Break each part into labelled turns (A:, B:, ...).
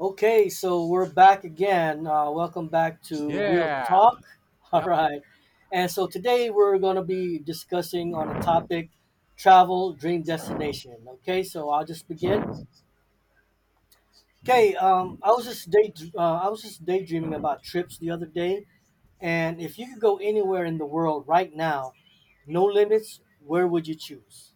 A: Okay, so we're back again. Welcome back to Real
B: Yeah.
A: Talk. All
B: Yep.
A: right. And so today we're going to be discussing on a topic travel dream destination. Okay, so I'll just begin. Okay, I was just daydreaming about trips the other day, and if you could go anywhere in the world right now, no limits, where would you choose?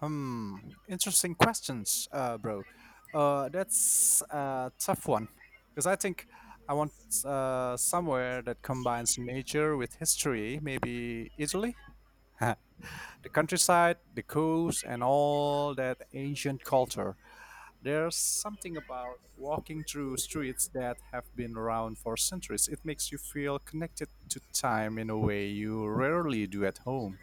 B: Hmm. Interesting questions, bro. That's a tough one because I think I want somewhere that combines nature with history. Maybe Italy, the countryside, the coast, and all that ancient culture. There's something about walking through streets that have been around for centuries. It makes you feel connected to time in a way you rarely do at home.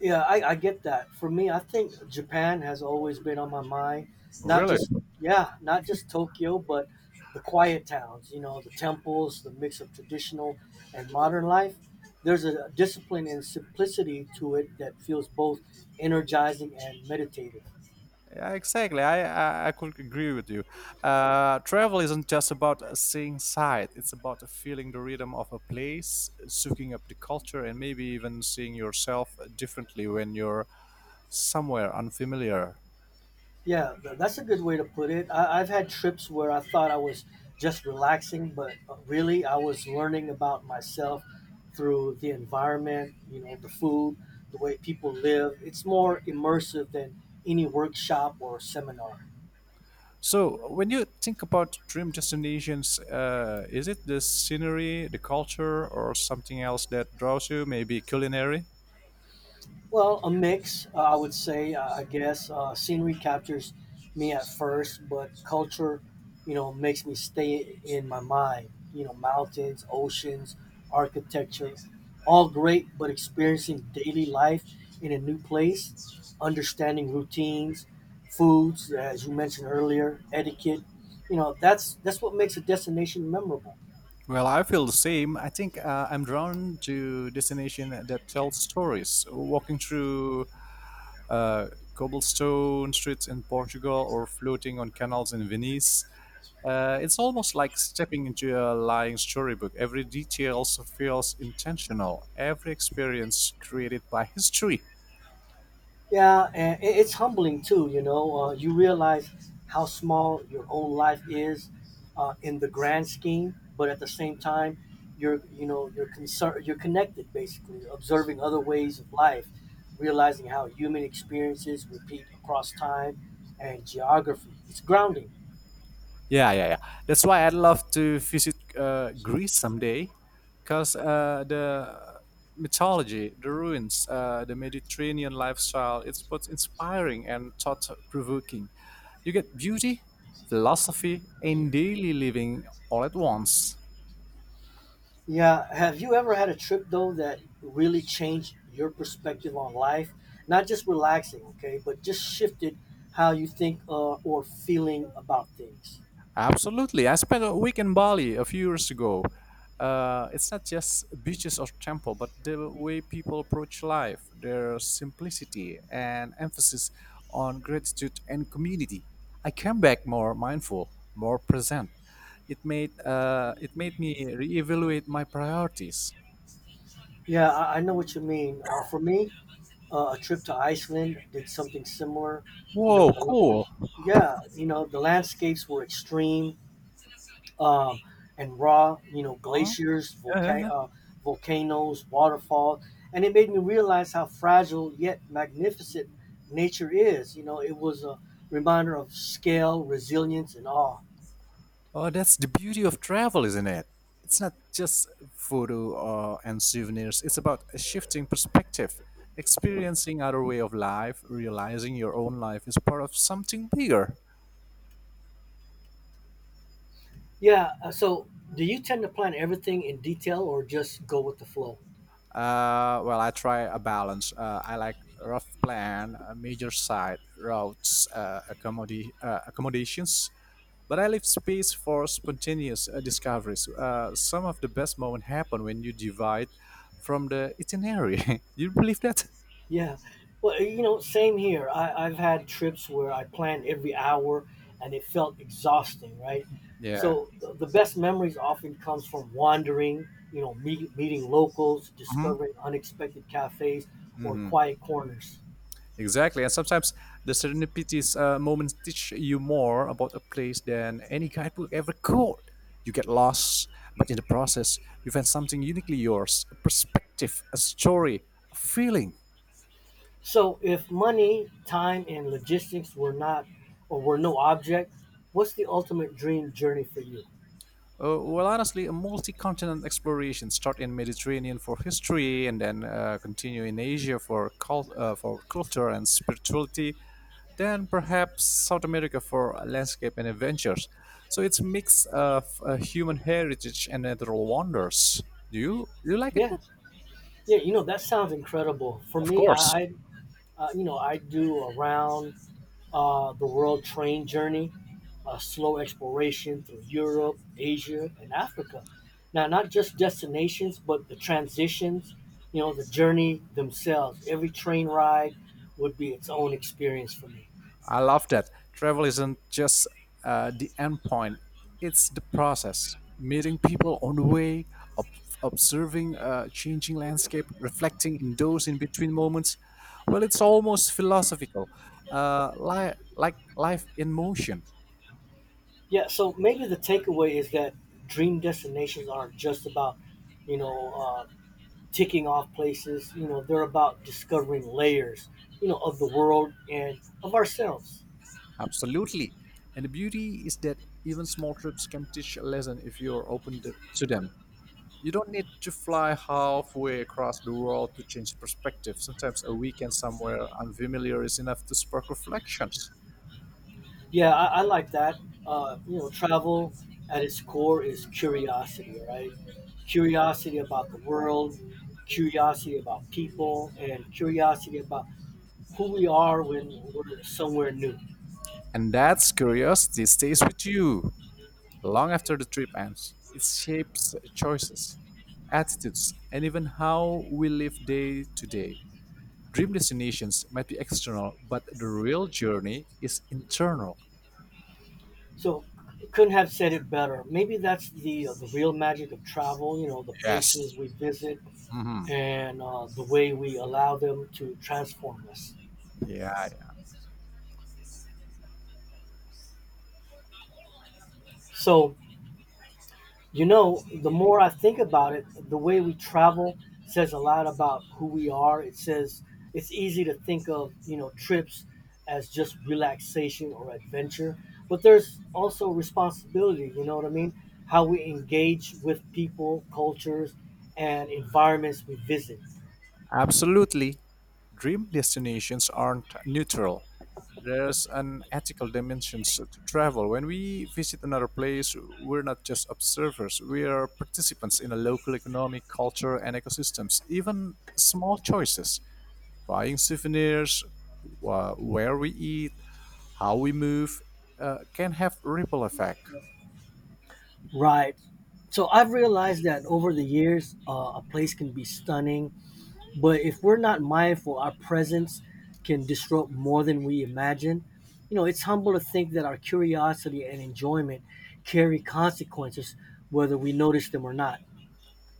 A: Yeah, I get that. For me, I think Japan has always been on my mind. Not
B: Really?
A: just yeah, Not just Tokyo, but the quiet towns. You know, the temples, the mix of traditional and modern life. There's a discipline and simplicity to it that feels both energizing and meditative.
B: Yeah, exactly. I could agree with you. Travel isn't just about seeing sight. It's about feeling the rhythm of a place, soaking up the culture, and maybe even seeing yourself differently when you're somewhere unfamiliar.
A: Yeah, that's a good way to put it. I've had trips where I thought I was just relaxing, but really I was learning about myself through the environment, you know, the food, the way people live. It's more immersive than any workshop or seminar.
B: So, when you think about dream destinations, is it the scenery, the culture, or something else that draws you? Maybe culinary?
A: Well, a mix, I would say. I guess scenery captures me at first, but culture, you know, makes me stay in my mind. You know, mountains, oceans, architecture, all great, but experiencing daily life in a new place, understanding routines, foods, as you mentioned earlier, etiquette. You know, that's what makes a destination memorable.
B: Well, I feel the same. I think I'm drawn to destination that tell stories. Walking through uh, cobblestone streets in Portugal or floating on canals in Venice, it's almost like stepping into a lying storybook. Every detail feels intentional. Every experience created by history.
A: Yeah, and it's humbling too. You know, you realize how small your own life is in the grand scheme, but at the same time, you're you know you're concerned, you're connected basically, observing other ways of life, realizing how human experiences repeat across time and geography. It's grounding.
B: Yeah, yeah, yeah. That's why I'd love to visit Greece someday, because the mythology, the ruins, the Mediterranean lifestyle, it's both inspiring and thought-provoking. You get beauty, philosophy, and daily living all at once.
A: Yeah. Have you ever had a trip though that really changed your perspective on life? Not just relaxing, okay, but just shifted how you think or feeling about things.
B: Absolutely. I spent a week in Bali a few years ago. It's not just beaches or temple, but the way people approach life, their simplicity and emphasis on gratitude and community. I came back more mindful, more present. It made me reevaluate my priorities.
A: Yeah, I know what you mean. For me, a trip to Iceland did something similar. You know,
B: Whoa,
A: the,
B: cool.
A: yeah, you know, the landscapes were extreme um, and raw, you know,
B: Huh?
A: glaciers,
B: Yeah, yeah.
A: volcanoes, waterfall, and it made me realize how fragile yet magnificent nature is. You know, it was a reminder of scale, resilience, and awe.
B: Oh, that's the beauty of travel, isn't it? It's not just photo or, and souvenirs. It's about a shifting perspective, experiencing other way of life, realizing your own life is part of something bigger.
A: Yeah. So, do you tend to plan everything in detail or just go with the flow?
B: Well, I try a balance. I like rough plan, a major site, routes, accommodations, but I leave space for spontaneous discoveries. Some of the best moments happen when you divide from the itinerary. You believe that?
A: Yeah. Well, you know, same here. I've had trips where I planned every hour and it felt exhausting, right?
B: Yeah.
A: So the best memories often comes from wandering, you know, meeting locals,
B: Hmm.
A: discovering unexpected cafes or
B: Hmm.
A: quiet corners.
B: Exactly. And sometimes the serendipitous moments teach you more about a place than any guidebook ever could. You get lost, but in the process, you find something uniquely yours, a perspective, a story, a feeling.
A: So if money, time, and logistics were not or were no object, what's the ultimate dream journey for you?
B: Well, honestly, a multi-continent exploration, start in Mediterranean for history, and then continue in Asia for for culture and spirituality, then perhaps South America for landscape and adventures. So it's a mix of human heritage and natural wonders. Do you like it?
A: Yeah, yeah, you know that sounds incredible. For
B: Of
A: me, I,
B: course,
A: I uh, you know, I do around the World Train Journey, a slow exploration through Europe, Asia, and Africa. Now, not just destinations, but the transitions, you know, the journey themselves. Every train ride would be its own experience for me.
B: I love that. Travel isn't just the end point; it's the process. Meeting people on the way, observing a changing landscape, reflecting in those in between moments. Well, it's almost philosophical, like life in motion.
A: Yeah, so maybe the takeaway is that dream destinations aren't just about, you know, uh, ticking off places. You know, they're about discovering layers, you know, of the world and of ourselves.
B: Absolutely. And the beauty is that even small trips can teach a lesson if you're open to them. You don't need to fly halfway across the world to change perspective. Sometimes a weekend somewhere unfamiliar is enough to spark reflections.
A: Yeah, I like that. You know, travel at its core is curiosity, right? Curiosity about the world, curiosity about people, and curiosity about who we are when we're somewhere new.
B: And that curiosity stays with you long after the trip ends. It shapes choices, attitudes, and even how we live day to day. Dream destinations might be external, but the real journey is internal.
A: So, couldn't have said it better. Maybe that's the real magic of travel. You know, the places
B: Yes.
A: we visit
B: Hmm.
A: and the way we allow them to transform us.
B: Yeah, yeah.
A: So, you know, the more I think about it, the way we travel says a lot about who we are. It says it's easy to think of, you know, trips as just relaxation or adventure, but there's also responsibility, you know what I mean? How we engage with people, cultures, and environments we visit.
B: Absolutely. Dream destinations aren't neutral. There's an ethical dimension to travel. When we visit another place, we're not just observers, we are participants in a local economic, culture, and ecosystems. Even small choices, buying souvenirs, where we eat, how we move, can have ripple effect.
A: Right. So I've realized that over the years, a place can be stunning. But if we're not mindful, our presence can disrupt more than we imagine. You know, it's humble to think that our curiosity and enjoyment carry consequences, whether we notice them or not.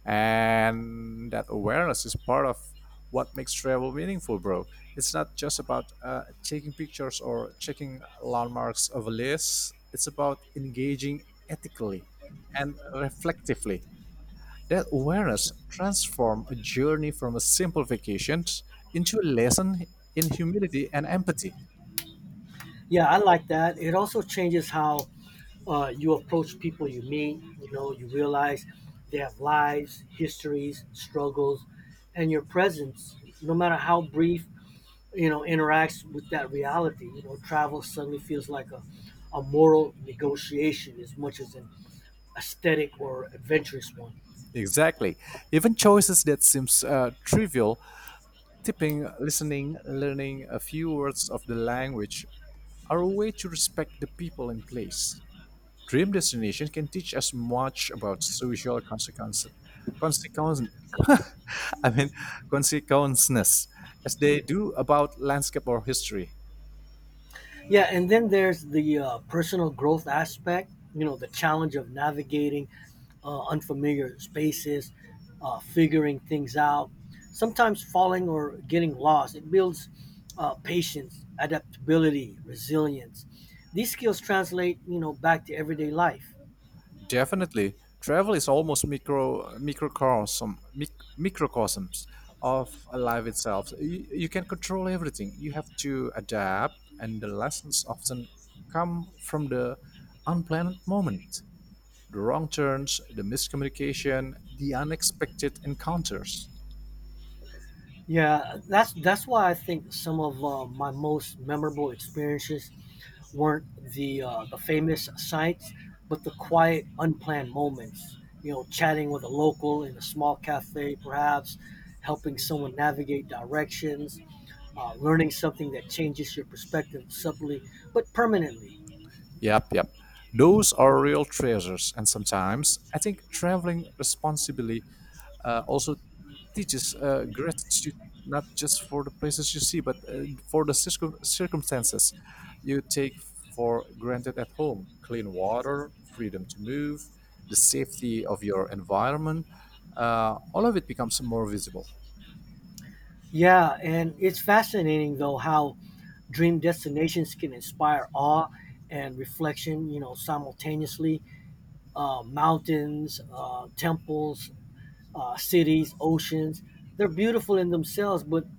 B: And that awareness is part of what makes travel meaningful, bro. It's not just about taking pictures or checking landmarks of a list. It's about engaging ethically and reflectively. That awareness transforms a journey from a simple vacation into a lesson in humility and empathy.
A: Yeah, I like that. It also changes how you approach people you meet. You know, you realize they have lives, histories, struggles, and your presence, no matter how brief, you know, interacts with that reality. You know, travel suddenly feels like a moral negotiation as much as an aesthetic or adventurous one.
B: Exactly. Even choices that seems trivial, tipping, listening, learning a few words of the language, are a way to respect the people and place. Dream destination can teach us much about social consequences. Consequence, I mean, consequences, as they do about landscape or history.
A: Yeah, and then there's the personal growth aspect. You know, the challenge of navigating unfamiliar spaces, figuring things out, sometimes falling or getting lost. It builds patience, adaptability, resilience. These skills translate, you know, back to everyday life.
B: Definitely, travel is almost microcosms of life itself. You can control everything. You have to adapt, and the lessons often come from the unplanned moment, the wrong turns, the miscommunication, the unexpected encounters.
A: Yeah, that's why I think some of my most memorable experiences weren't the famous sights, but the quiet, unplanned moments. You know, chatting with a local in a small cafe, perhaps helping someone navigate directions, learning something that changes your perspective subtly but permanently.
B: Yep, yep. Those are real treasures. And sometimes I think traveling responsibly also teaches gratitude, not just for the places you see, but for the circumstances you take for granted at home: clean water, freedom to move, the safety of your environment. All of it becomes more visible.
A: Yeah, and it's fascinating though how dream destinations can inspire awe and reflection. You know, simultaneously, mountains, temples, cities, oceans. They're beautiful in themselves, but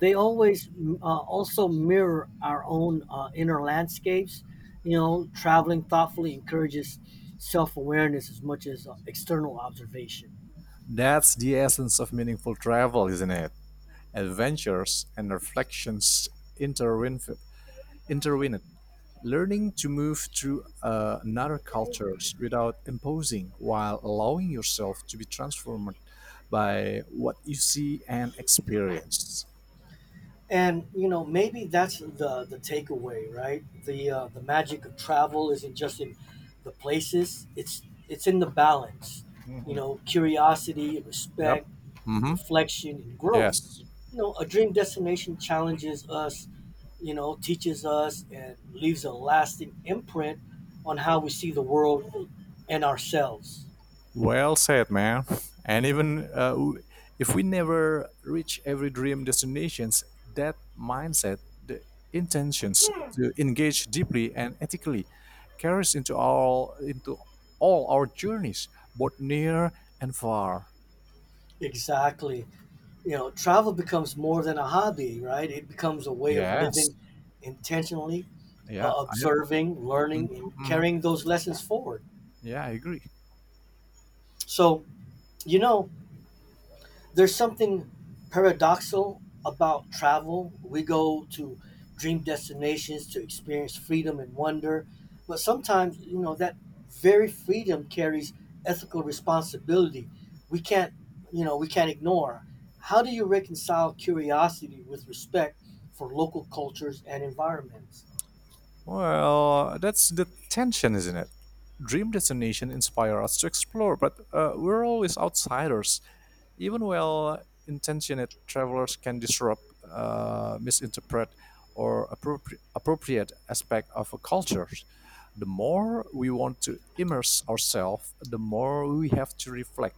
A: they always also mirror our own inner landscapes. You know, traveling thoughtfully encourages self awareness as much as external observation.
B: That's the essence of meaningful travel, isn't it? Adventures and reflections interwin intervened, learning to move through another cultures without imposing while allowing yourself to be transformed by what you see and experience.
A: And you know, maybe that's the takeaway, right? The magic of travel isn't just in the places; it's in the balance. You
B: Hmm.
A: know, curiosity,
B: Yep.
A: respect,
B: Hmm.
A: reflection, and growth.
B: Yes.
A: You know, a dream destination challenges us, you know, teaches us and leaves a lasting imprint on how we see the world and ourselves.
B: Well said, man. And even if we never reach every dream destinations, that mindset, the intentions to engage deeply and ethically, carries into all our journeys, both near and far.
A: Exactly. You know, travel becomes more than a hobby, right? It becomes a way of living
B: Yes.
A: intentionally,
B: Yeah. I have.
A: observing, learning, and
B: Hmm.
A: carrying those lessons forward.
B: Yeah, I agree.
A: So, you know, there's something paradoxal about travel. We go to dream destinations to experience freedom and wonder, but sometimes, you know, that very freedom carries ethical responsibility. We can't, you know, we can't ignore. How do you reconcile curiosity with respect for local cultures and environments?
B: Well, that's the tension, isn't it? Dream destination inspire us to explore, but we're always outsiders. Even well intentioned travelers can disrupt, misinterpret, or appropriate aspect of a culture. The more we want to immerse ourselves, the more we have to reflect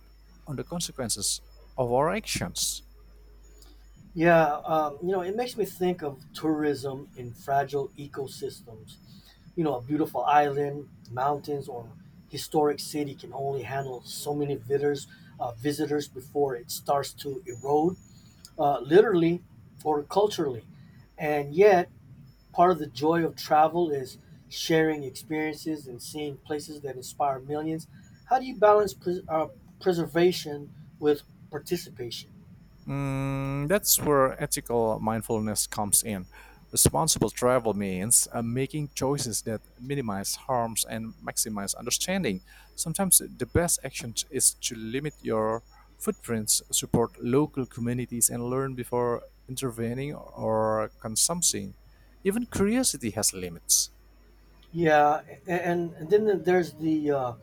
B: on the consequences of our actions.
A: Yeah, you know, it makes me think of tourism in fragile ecosystems, you know, a beautiful island, mountains, or historic city can only handle so many visitors before it starts to erode, literally or culturally. And yet, part of the joy of travel is sharing experiences and seeing places that inspire millions. How do you balance preservation with participation?
B: Mm, that's where ethical mindfulness comes in. Responsible travel means making choices that minimize harms and maximize understanding. Sometimes the best action is to limit your footprints, support local communities, and learn before intervening or consuming. Even curiosity has limits.
A: Yeah, and then there's the uh,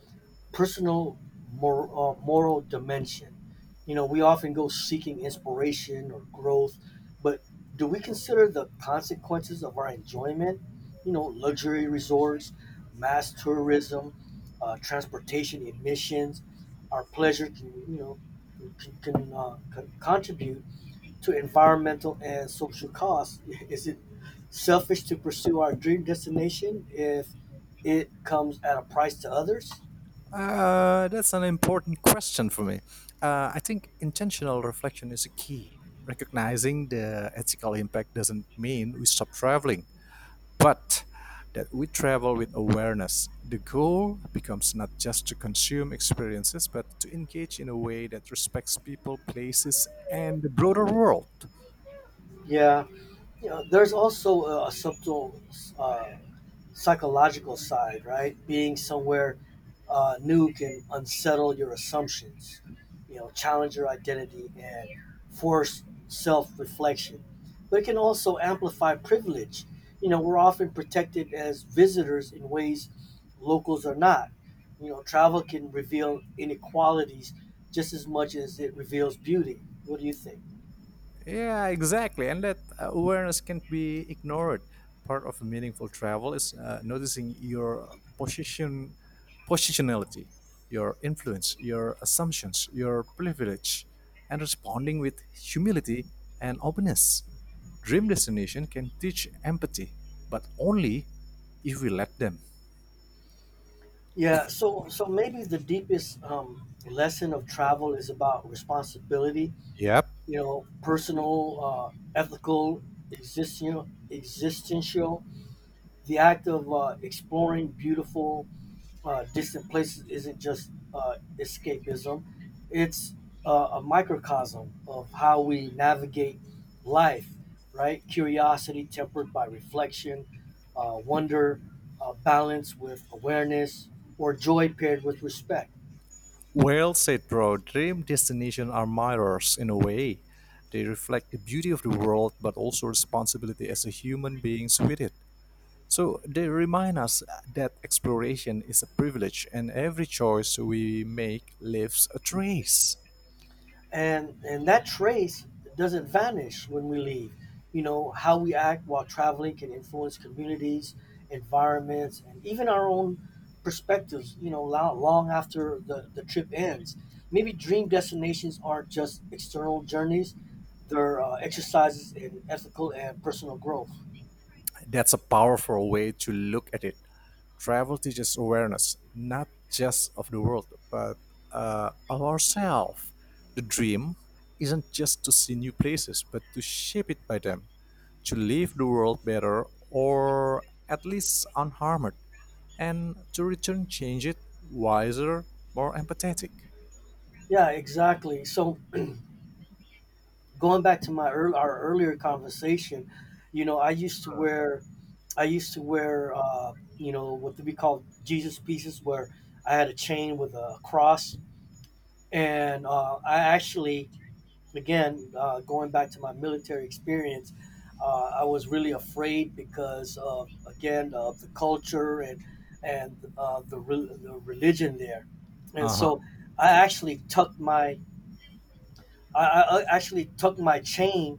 A: personal moral, uh, moral dimension. You know, we often go seeking inspiration or growth, but do we consider the consequences of our enjoyment? You know, luxury resorts, mass tourism, transportation emissions, our pleasure can, you know, can contribute to environmental and social costs. Is it selfish to pursue our dream destination if it comes at a price to others?
B: That's an important question for me. I think intentional reflection is a key. Recognizing the ethical impact doesn't mean we stop traveling, but that we travel with awareness. The goal becomes not just to consume experiences, but to engage in a way that respects people, places, and the broader world.
A: Yeah, you know, there's also a subtle uh, psychological side, right? Being somewhere new can unsettle your assumptions, you know, challenge your identity and force self reflection. But it can also amplify privilege. You know, we're often protected as visitors in ways locals are not. You know, travel can reveal inequalities just as much as it reveals beauty. What do you think?
B: Yeah, exactly. And that awareness can't be ignored. Part of meaningful travel is noticing your position, positionality, your influence, your assumptions, your privilege, and responding with humility and openness. Dream destination can teach empathy, but only if we let them.
A: Yeah, so so maybe the deepest lesson of travel is about responsibility.
B: Yep.
A: You know, personal, ethical, existential. The act of exploring beautiful distant places isn't just escapism; it's a microcosm of how we navigate life. Right? Curiosity tempered by reflection, wonder balanced with awareness, or joy paired with respect.
B: Well said, bro. Dream destinations are mirrors in a way. They reflect the beauty of the world, but also responsibility as a human beings with it. So they remind us that exploration is a privilege, and every choice we make leaves a trace.
A: And that trace doesn't vanish when we leave. You know, how we act while traveling can influence communities, environments, and even our own perspectives. You know, long after the trip ends, maybe dream destinations aren't just external journeys, they're exercises in ethical and personal growth.
B: That's a powerful way to look at it. Travel teaches awareness, not just of the world, but of ourselves. The dream isn't just to see new places, but to shape it by them, to leave the world better or at least unharmed, and to return change it wiser, more empathetic.
A: Yeah, exactly. So going back to my ear our earlier conversation, you know, I used to wear, you know, what we call Jesus pieces, where I had a chain with a cross. And I actually, again, going back to my military experience, I was really afraid because of, again, of the culture and the religion there. And
B: Uh-huh.
A: so I actually tucked my, I actually tucked my chain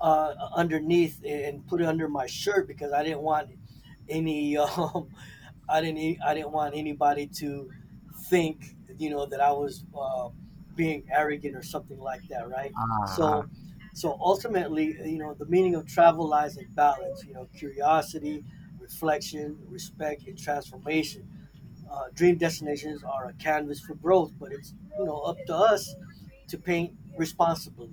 A: underneath and put it under my shirt because I didn't want any I didn't want anybody to think, you know, that I was being arrogant or something like that, right? So
B: Ah.
A: so ultimately, you know, the meaning of travel lies in balance. You know, curiosity, reflection, respect, and transformation. Dream destinations are a canvas for growth, but it's, you know, up to us to paint responsibly.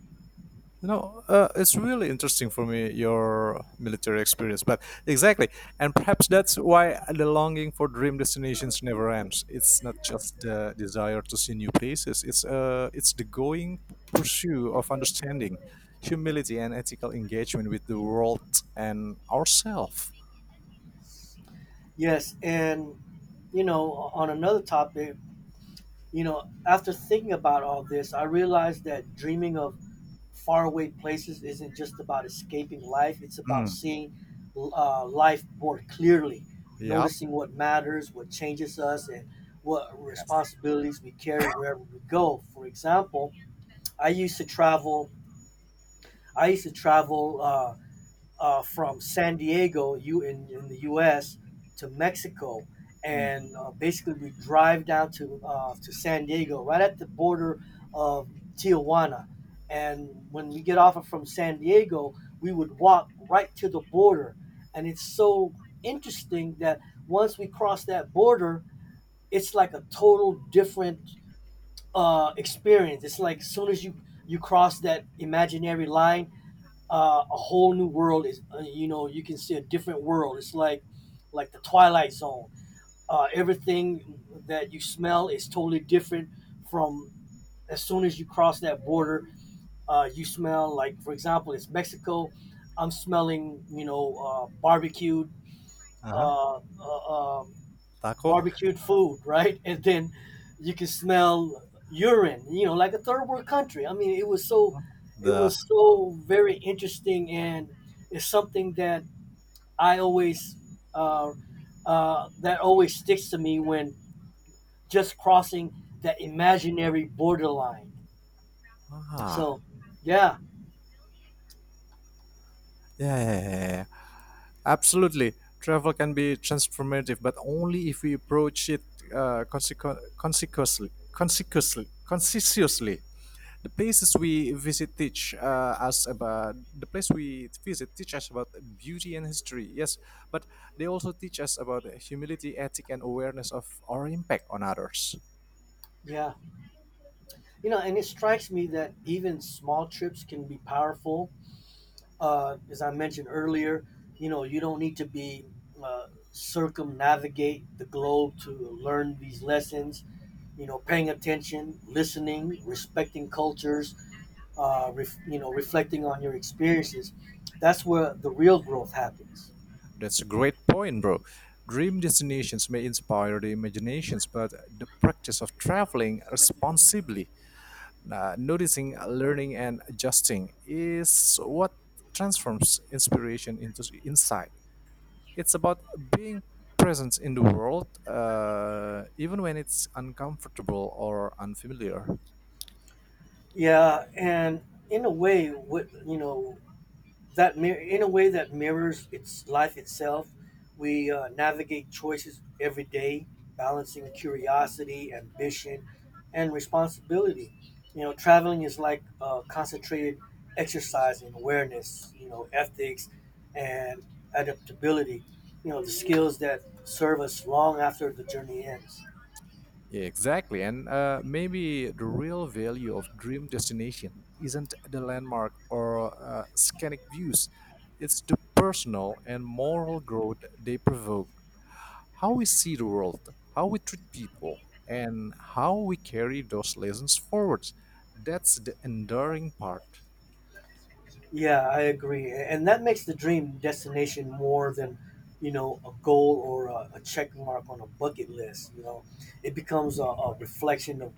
B: You know, it's really interesting for me your military experience, but exactly, and perhaps that's why the longing for dream destinations never ends. It's not just the desire to see new places; it's the going pursuit of understanding, humility, and ethical engagement with the world and ourselves.
A: Yes, and you know, on another topic, you know, after thinking about all this, I realized that dreaming of faraway places isn't just about escaping life; it's about
B: Mm.
A: seeing life more clearly,
B: Yep.
A: noticing what matters, what changes us, and what
B: Yes.
A: responsibilities we carry wherever we go. For example, I used to travel. I used to travel. Uh, from San Diego, you in the U.S. to Mexico,
B: Mm.
A: and basically we drive down to San Diego, right at the border of Tijuana. And when we get off from San Diego, we would walk right to the border, and it's so interesting that once we cross that border, it's like a total different experience. It's like as soon as you cross that imaginary line, a whole new world is, you know, you can see a different world. It's like the twilight zone. Everything that you smell is totally different from, as soon as you cross that border, you smell, like, for example, it's Mexico. I'm smelling, you know,
B: Uh huh.
A: uh, uh, uh,
B: Taco.
A: barbecued food, right? And then you can smell urine, you know, like a third world country. I mean, it
B: The
A: was so very interesting, and it's something that I always, uh, that always sticks to me when just crossing that imaginary borderline.
B: ah.
A: So, yeah,
B: Yeah, yeah, yeah, yeah. Absolutely. Travel can be transformative, but only if we approach it consequently, consciously. The places we visit teach us about the place we visit teach us about beauty and history. Yes, but they also teach us about humility, ethic, and awareness of our impact on others.
A: yeah, you know, and it strikes me that even small trips can be powerful, as I mentioned earlier, you know, you don't need to be, uh, circumnavigate the globe to learn these lessons. You know, paying attention, listening, respecting cultures, you know, reflecting on your experiences. That's where the real growth happens.
B: That's a great point, bro. Dream destinations may inspire the imaginations, but the practice of traveling responsibly, noticing, learning, and adjusting is what transforms inspiration into insight. It's about being present in the world, even when it's uncomfortable or unfamiliar.
A: Yeah, and in a way, what you know, that mir- in a way that mirrors its life itself. We navigate choices every day, balancing curiosity, ambition, and responsibility. You know, traveling is like concentrated exercise in awareness, you know, ethics and adaptability, you know, the skills that serve us long after the journey ends.
B: Yeah, exactly. And maybe the real value of dream destination isn't the landmark or scenic views. It's the personal and moral growth they provoke. How we see the world, how we treat people, and how we carry those lessons forwards. That's the enduring part.
A: Yeah, I agree. And that makes the dream destination more than, you know, a goal or a check mark on a bucket list. You know, it becomes a reflection of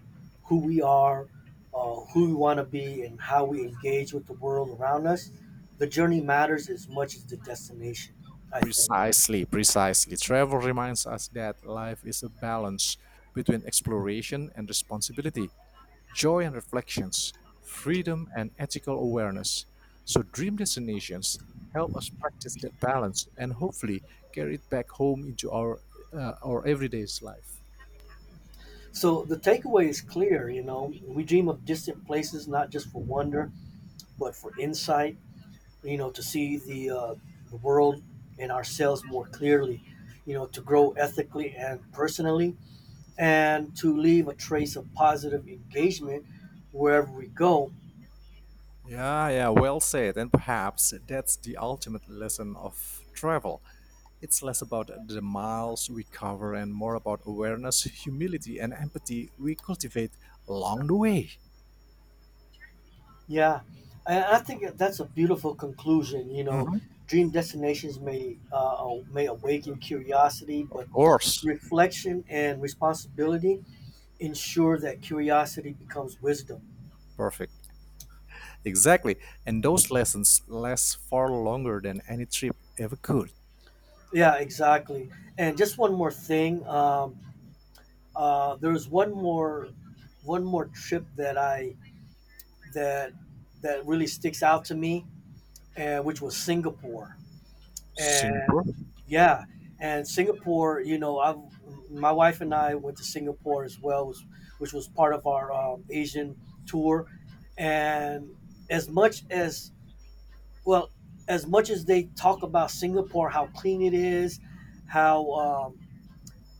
A: who we are, who we want to be, and how we engage with the world around us. The journey matters as much as the destination, I think.
B: Precisely, precisely. Travel reminds us that life is a balance between exploration and responsibility, joy and reflections, freedom and ethical awareness. So, dream destinations help us practice that balance and hopefully carry it back home into our everyday's life.
A: So the takeaway is clear. You know, we dream of distant places, not just for wonder, but for insight, you know, to see the world and ourselves more clearly, you know, to grow ethically and personally, and to leave a trace of positive engagement wherever we go.
B: Yeah, yeah, well said. And perhaps that's the ultimate lesson of travel. It's less about the miles we cover and more about awareness, humility, and empathy we cultivate along the way.
A: Yeah, and I think that's a beautiful conclusion. You know,
B: Mhm.
A: dream destinations may awaken curiosity,
B: Of
A: but
B: course.
A: reflection and responsibility ensure that curiosity becomes wisdom.
B: Perfect. Exactly. And those lessons last far longer than any trip ever could.
A: Yeah, exactly. And just one more thing. There was one more trip that I that that really sticks out to me, and which was Singapore. And
B: Singapore?
A: yeah, and Singapore, you know, I my wife and I went to Singapore as well, which was part of our Asian tour. And as much as well, as much as they talk about Singapore, how clean it is, how um,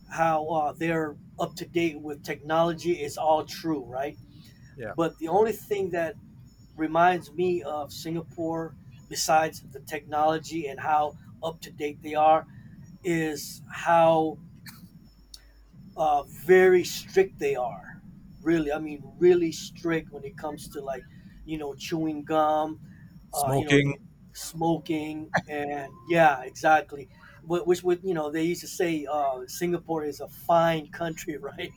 A: how they're up to date with technology, it's all true, right?
B: Yeah.
A: But the only thing that reminds me of Singapore, besides the technology and how up to date they are, is how very strict they are. Really, I mean, really strict when it comes to, like, you know, chewing gum. You know, if
B: Smoking.
A: you smoking and yeah, exactly. Which would, you know, they used to say Singapore is a fine country, right?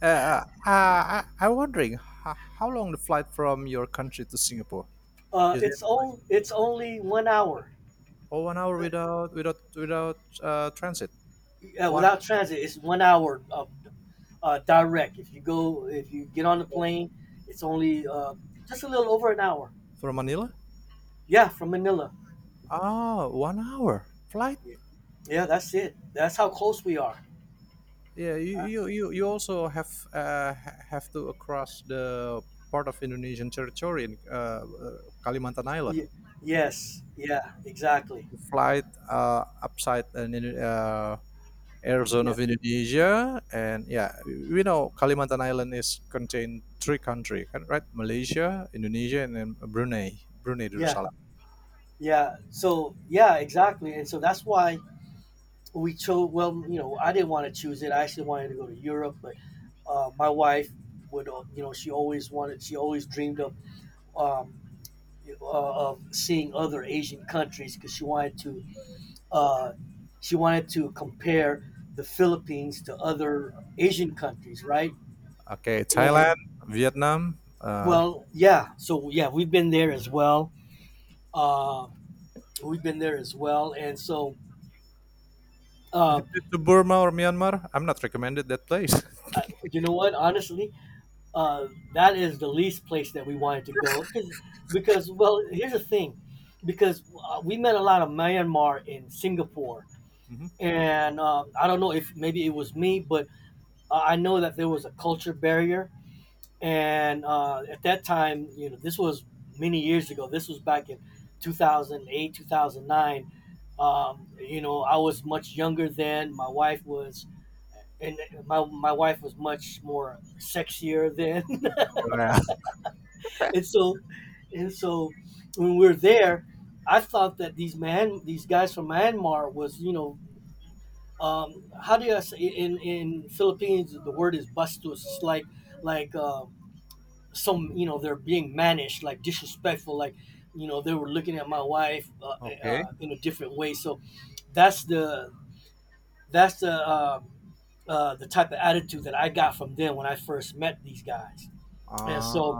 B: I'm wondering how long the flight from your country to Singapore? Is,
A: It's only 1 hour.
B: oh, 1 hour without transit.
A: Yeah,
B: One
A: without transit, it's 1 hour of direct. If you get on the plane, it's only just a little over an hour.
B: from Manila.
A: Yeah, from Manila.
B: Ah, 1-hour flight.
A: Yeah, yeah, that's it. That's how close we are.
B: Yeah, you
A: That's-
B: you you, you also have have to across the part of Indonesian territory in Kalimantan Island.
A: Yeah. Yes. Yeah. Exactly.
B: You fly upside an air zone
A: Yeah.
B: of Indonesia, and yeah, we know Kalimantan Island is contained three country, right? Malaysia, Indonesia, and then Brunei, Brunei
A: Yeah.
B: Darussalam.
A: Yeah. So yeah, exactly. And so that's why we chose. Well, you know, I didn't want to choose it. I actually wanted to go to Europe, but my wife would, you know, she always wanted. She always dreamed of. Um, of seeing other Asian countries because she wanted to, uh, she wanted to compare the Philippines to other Asian countries, right?
B: Okay,
A: And
B: Thailand, Vietnam.
A: well, yeah, so yeah, we've been there as well. Uh, we've been there as well, and so
B: Have
A: uh,
B: you been to Burma or Myanmar? I'm not recommended that place.
A: you know what? Honestly, uh, that is the least place that we wanted to go because well, here's the thing, because we met a lot of Myanmar in Singapore,
B: Mhm.
A: and I don't know if maybe it was me, but I know that there was a culture barrier, and at that time, you know, this was many years ago. This was back in 2008, 2009. You know, I was much younger then. My wife was, and my wife was much more sexier then,
B: Korea.
A: and so, and so, when we were there, I thought that these guys from Myanmar was, you know, um, how do you say in Philippines? The word is bastos, like. Um, some, you know, they're being managed like disrespectful, like, you know, they were looking at my wife
B: Okay.
A: in a different way. So that's the that's the type of attitude that I got from them when I first met these guys. And
B: Uh,
A: so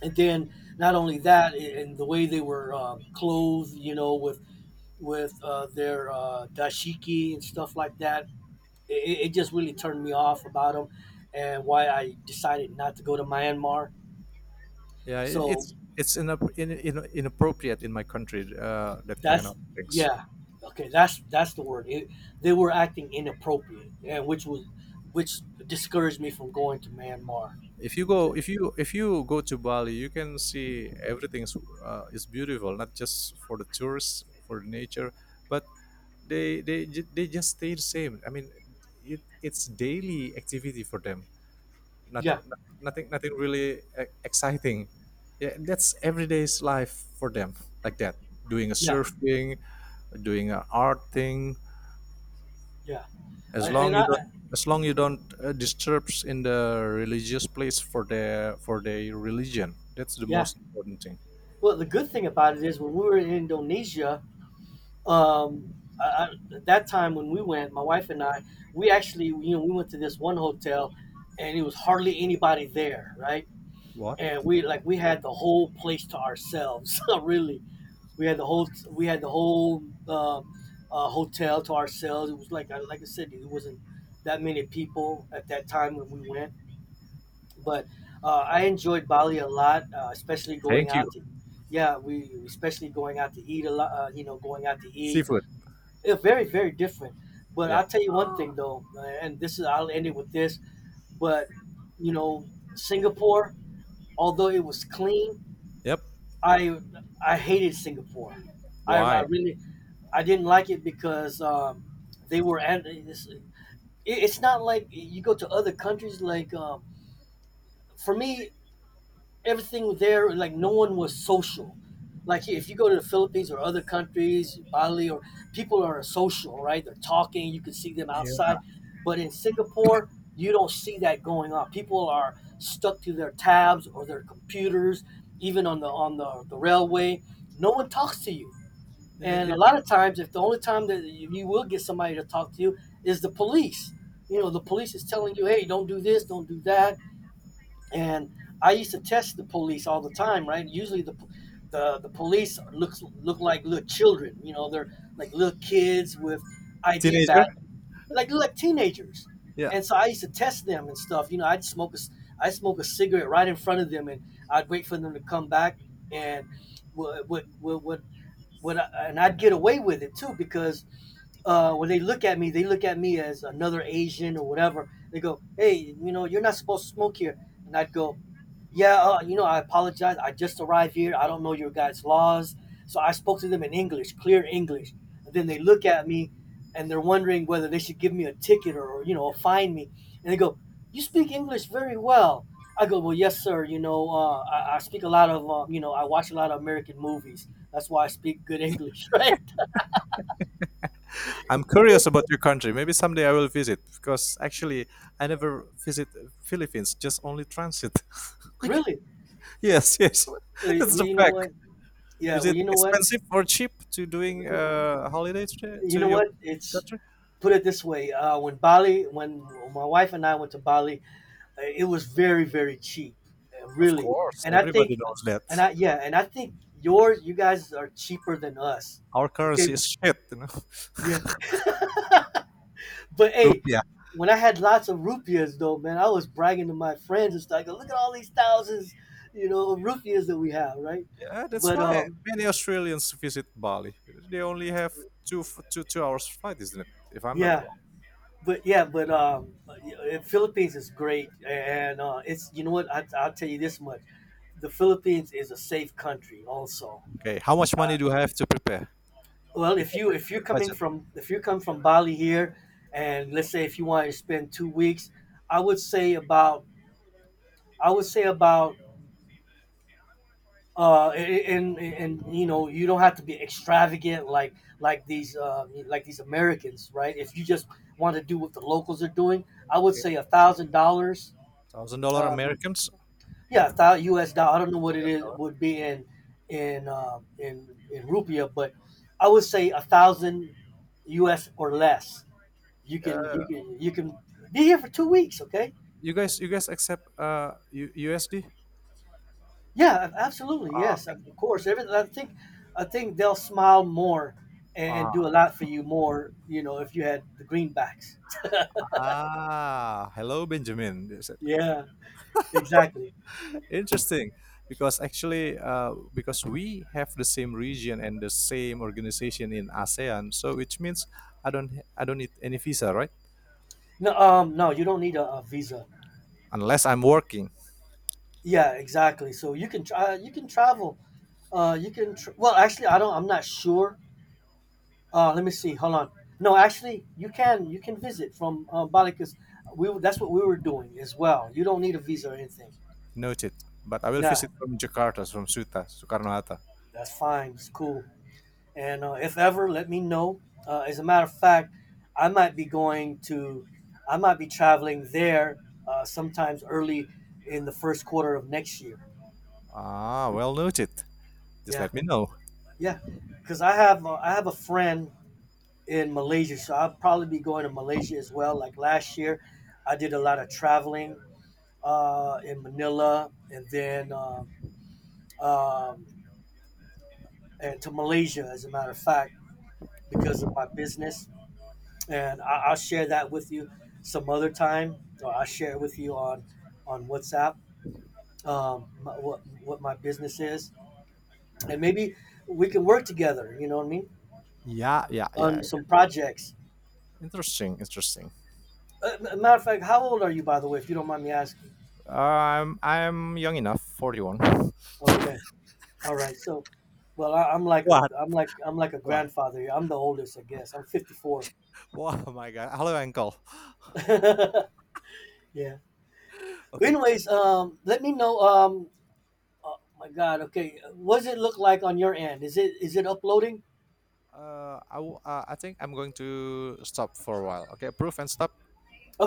A: and then not only that, and the way they were clothed, you know, with with their dashiki and stuff like that, it just really turned me off about them, and why I decided not to go to Myanmar.
B: yeah, it,
A: So
B: it's it's in, in, in, inappropriate in my country. That kind
A: that's
B: of things.
A: yeah. Okay, that's the word. They were acting inappropriate, and which discouraged me from going to Myanmar. Okay.
B: If you go to Bali you can see everything is beautiful, not just for the tourists, for the nature, but they just stay the same. I mean, it's daily activity for them. nothing
A: Yeah,
B: Nothing really exciting. Yeah, that's everyday's life for them, like that, doing a
A: yeah,
B: surfing, doing a art thing.
A: yeah. I,
B: as long
A: and I
B: you
A: I-
B: don't as long you don't disturbs in the religious place for their religion, that's the
A: yeah.
B: most important thing.
A: Well, the good thing about it is when we were in Indonesia, um, I, I, at that time when we went, my wife and I, we actually, you know, we went to this one hotel, and it was hardly anybody there, right?
B: What?
A: And we, like, we had the whole place to ourselves, really. We had the whole hotel to ourselves. It was like, I- like I said, it wasn't that many people at that time when we went, but I enjoyed Bali a lot, especially going
B: Thank
A: out
B: you.
A: to yeah, we especially going out to eat a lot. You know, going out to eat.
B: Seafood.
A: It's very very different. But
B: Yeah.
A: I'll tell you one thing though, and this is I'll end it with this, but you know, Singapore, although it was clean,
B: Yep.
A: i I hated Singapore.
B: Why?
A: I really I didn't like it because they were at. It's not like you go to other countries. Like, for me, everything there, like, no one was social. Like, if you go to the Philippines or other countries, Bali, or, people are social, right? They're talking. You can see them
B: Yeah.
A: outside, but in Singapore, you don't see that going on. People are stuck to their tabs or their computers, even on the on the railway. No one talks to you, and
B: Yeah.
A: a lot of times, if the only time that you will get somebody to talk to you is the police, you know, the police is telling you, hey, don't do this, don't do that. And I used to test the police all the time, right? Usually the police looks look like little children, you know, they're like little kids with ID
B: Teenager.
A: badge, like teenagers.
B: Yeah.
A: And so I used to test them and stuff. You know, I'd smoke a cigarette right in front of them, and I'd wait for them to come back and would would would, would and I'd get away with it too because when they look at me, they look at me as another Asian or whatever. They go, "Hey, you know, you're not supposed to smoke here," and I'd go, yeah, you know, I apologize. I just arrived here. I don't know your guys' laws. So I spoke to them in English, clear English. And then they look at me, and they're wondering whether they should give me a ticket or, you know, fine me. And they go, you speak English very well. I go, well, yes, sir. You know, I speak a lot of, you know, I watch a lot of American movies. That's why I speak good English, right?
B: I'm curious about your country. Maybe someday I will visit, because actually I never visit Philippines, just only transit. Like,
A: Really?
B: yes, yes,
A: Well,
B: that's the
A: you know
B: fact.
A: what? Yeah,
B: Is
A: well,
B: it
A: you know what?
B: expensive or cheap to doing holidays
A: You
B: to
A: know
B: your
A: what? It's
B: country?
A: put it this way. When my wife and I went to Bali, it was very very cheap,
B: Of
A: really.
B: course,
A: And I
B: everybody
A: think,
B: knows
A: and
B: that.
A: I yeah, and I think yours, you guys are cheaper than us.
B: Our
A: Okay,
B: currency is shit, you know.
A: yeah. But hey,
B: Rupiah.
A: when I had lots of rupees though, man, I was bragging to my friends and stuff. I go, look at all these thousands, you know, of rupees that we have, right?
B: Yeah, that's
A: But
B: why many Australians visit Bali. They only have two f- two two hours flight, isn't it? If I'm not
A: yeah.
B: wrong.
A: But yeah, but Philippines is great, and it's, you know what, I'll tell you this much: the Philippines is a safe country, also.
B: Okay, how much money do I have to prepare?
A: Well,
B: The budget.
A: if you come from Bali here, and let's say if you want to spend 2 weeks, I would say about I would say about and you know you don't have to be extravagant like these Americans, right? If you just want to do what the locals are doing, I would say $1,000.
B: $1,000
A: Uh,
B: Americans.
A: yeah, a thousand U.S. dollar. I don't know what it is would be in in rupiah, but I would say a thousand U.S. or less.
B: Uh,
A: You can be here for 2 weeks, okay?
B: you guys accept USD?
A: Yeah, absolutely,
B: Ah,
A: yes,
B: okay.
A: of course. Everything I think they'll smile more and do
B: Ah,
A: a lot for you more, you know, if you had the greenbacks.
B: ah, hello Benjamin.
A: Yeah, exactly.
B: Interesting, because actually, because we have the same region and the same organization in ASEAN, so which means I don't I don't need any visa, right?
A: No, no, you don't need a visa.
B: Unless I'm working,
A: Yeah, exactly. So you can try. You can travel. Well, actually, I don't. I'm not sure. Let me see. Hold on. No, actually, you can. You can visit from Bali because we. That's what we were doing as well. You don't need a visa or anything.
B: noted. But I will
A: Nah.
B: visit from Jakarta, from Suta, Soekarno Hatta.
A: That's fine. It's cool. And if ever, let me know. As a matter of fact, I might be going to, I might be traveling there sometimes early in the first quarter of next year.
B: Ah, well noted. Just
A: Yeah,
B: let me know.
A: yeah. Because I have a friend in Malaysia, so I'll probably be going to Malaysia as well. Like last year, I did a lot of traveling in Manila and then um, and to Malaysia, as a matter of fact, because of my business, and I'll share that with you some other time, or I'll share it with you on WhatsApp what my business is, and maybe we can work together. You know what I mean,
B: Yeah, yeah, yeah.
A: on some projects.
B: Interesting, interesting.
A: Matter of fact, how old are you, by the way, if you don't mind me asking?
B: I'm young enough, 41.
A: Okay, all right. So, well, I,
B: What?
A: I'm like a
B: What?
A: grandfather here. I'm the oldest, I guess. I'm 54.
B: Wow, my God. Hello, uncle.
A: Yeah. But
B: Okay.
A: anyways, let me know. Oh my God. Okay, what does it look like on your end? Is it uploading?
B: I think I'm going to stop for a while. Okay, approve and stop.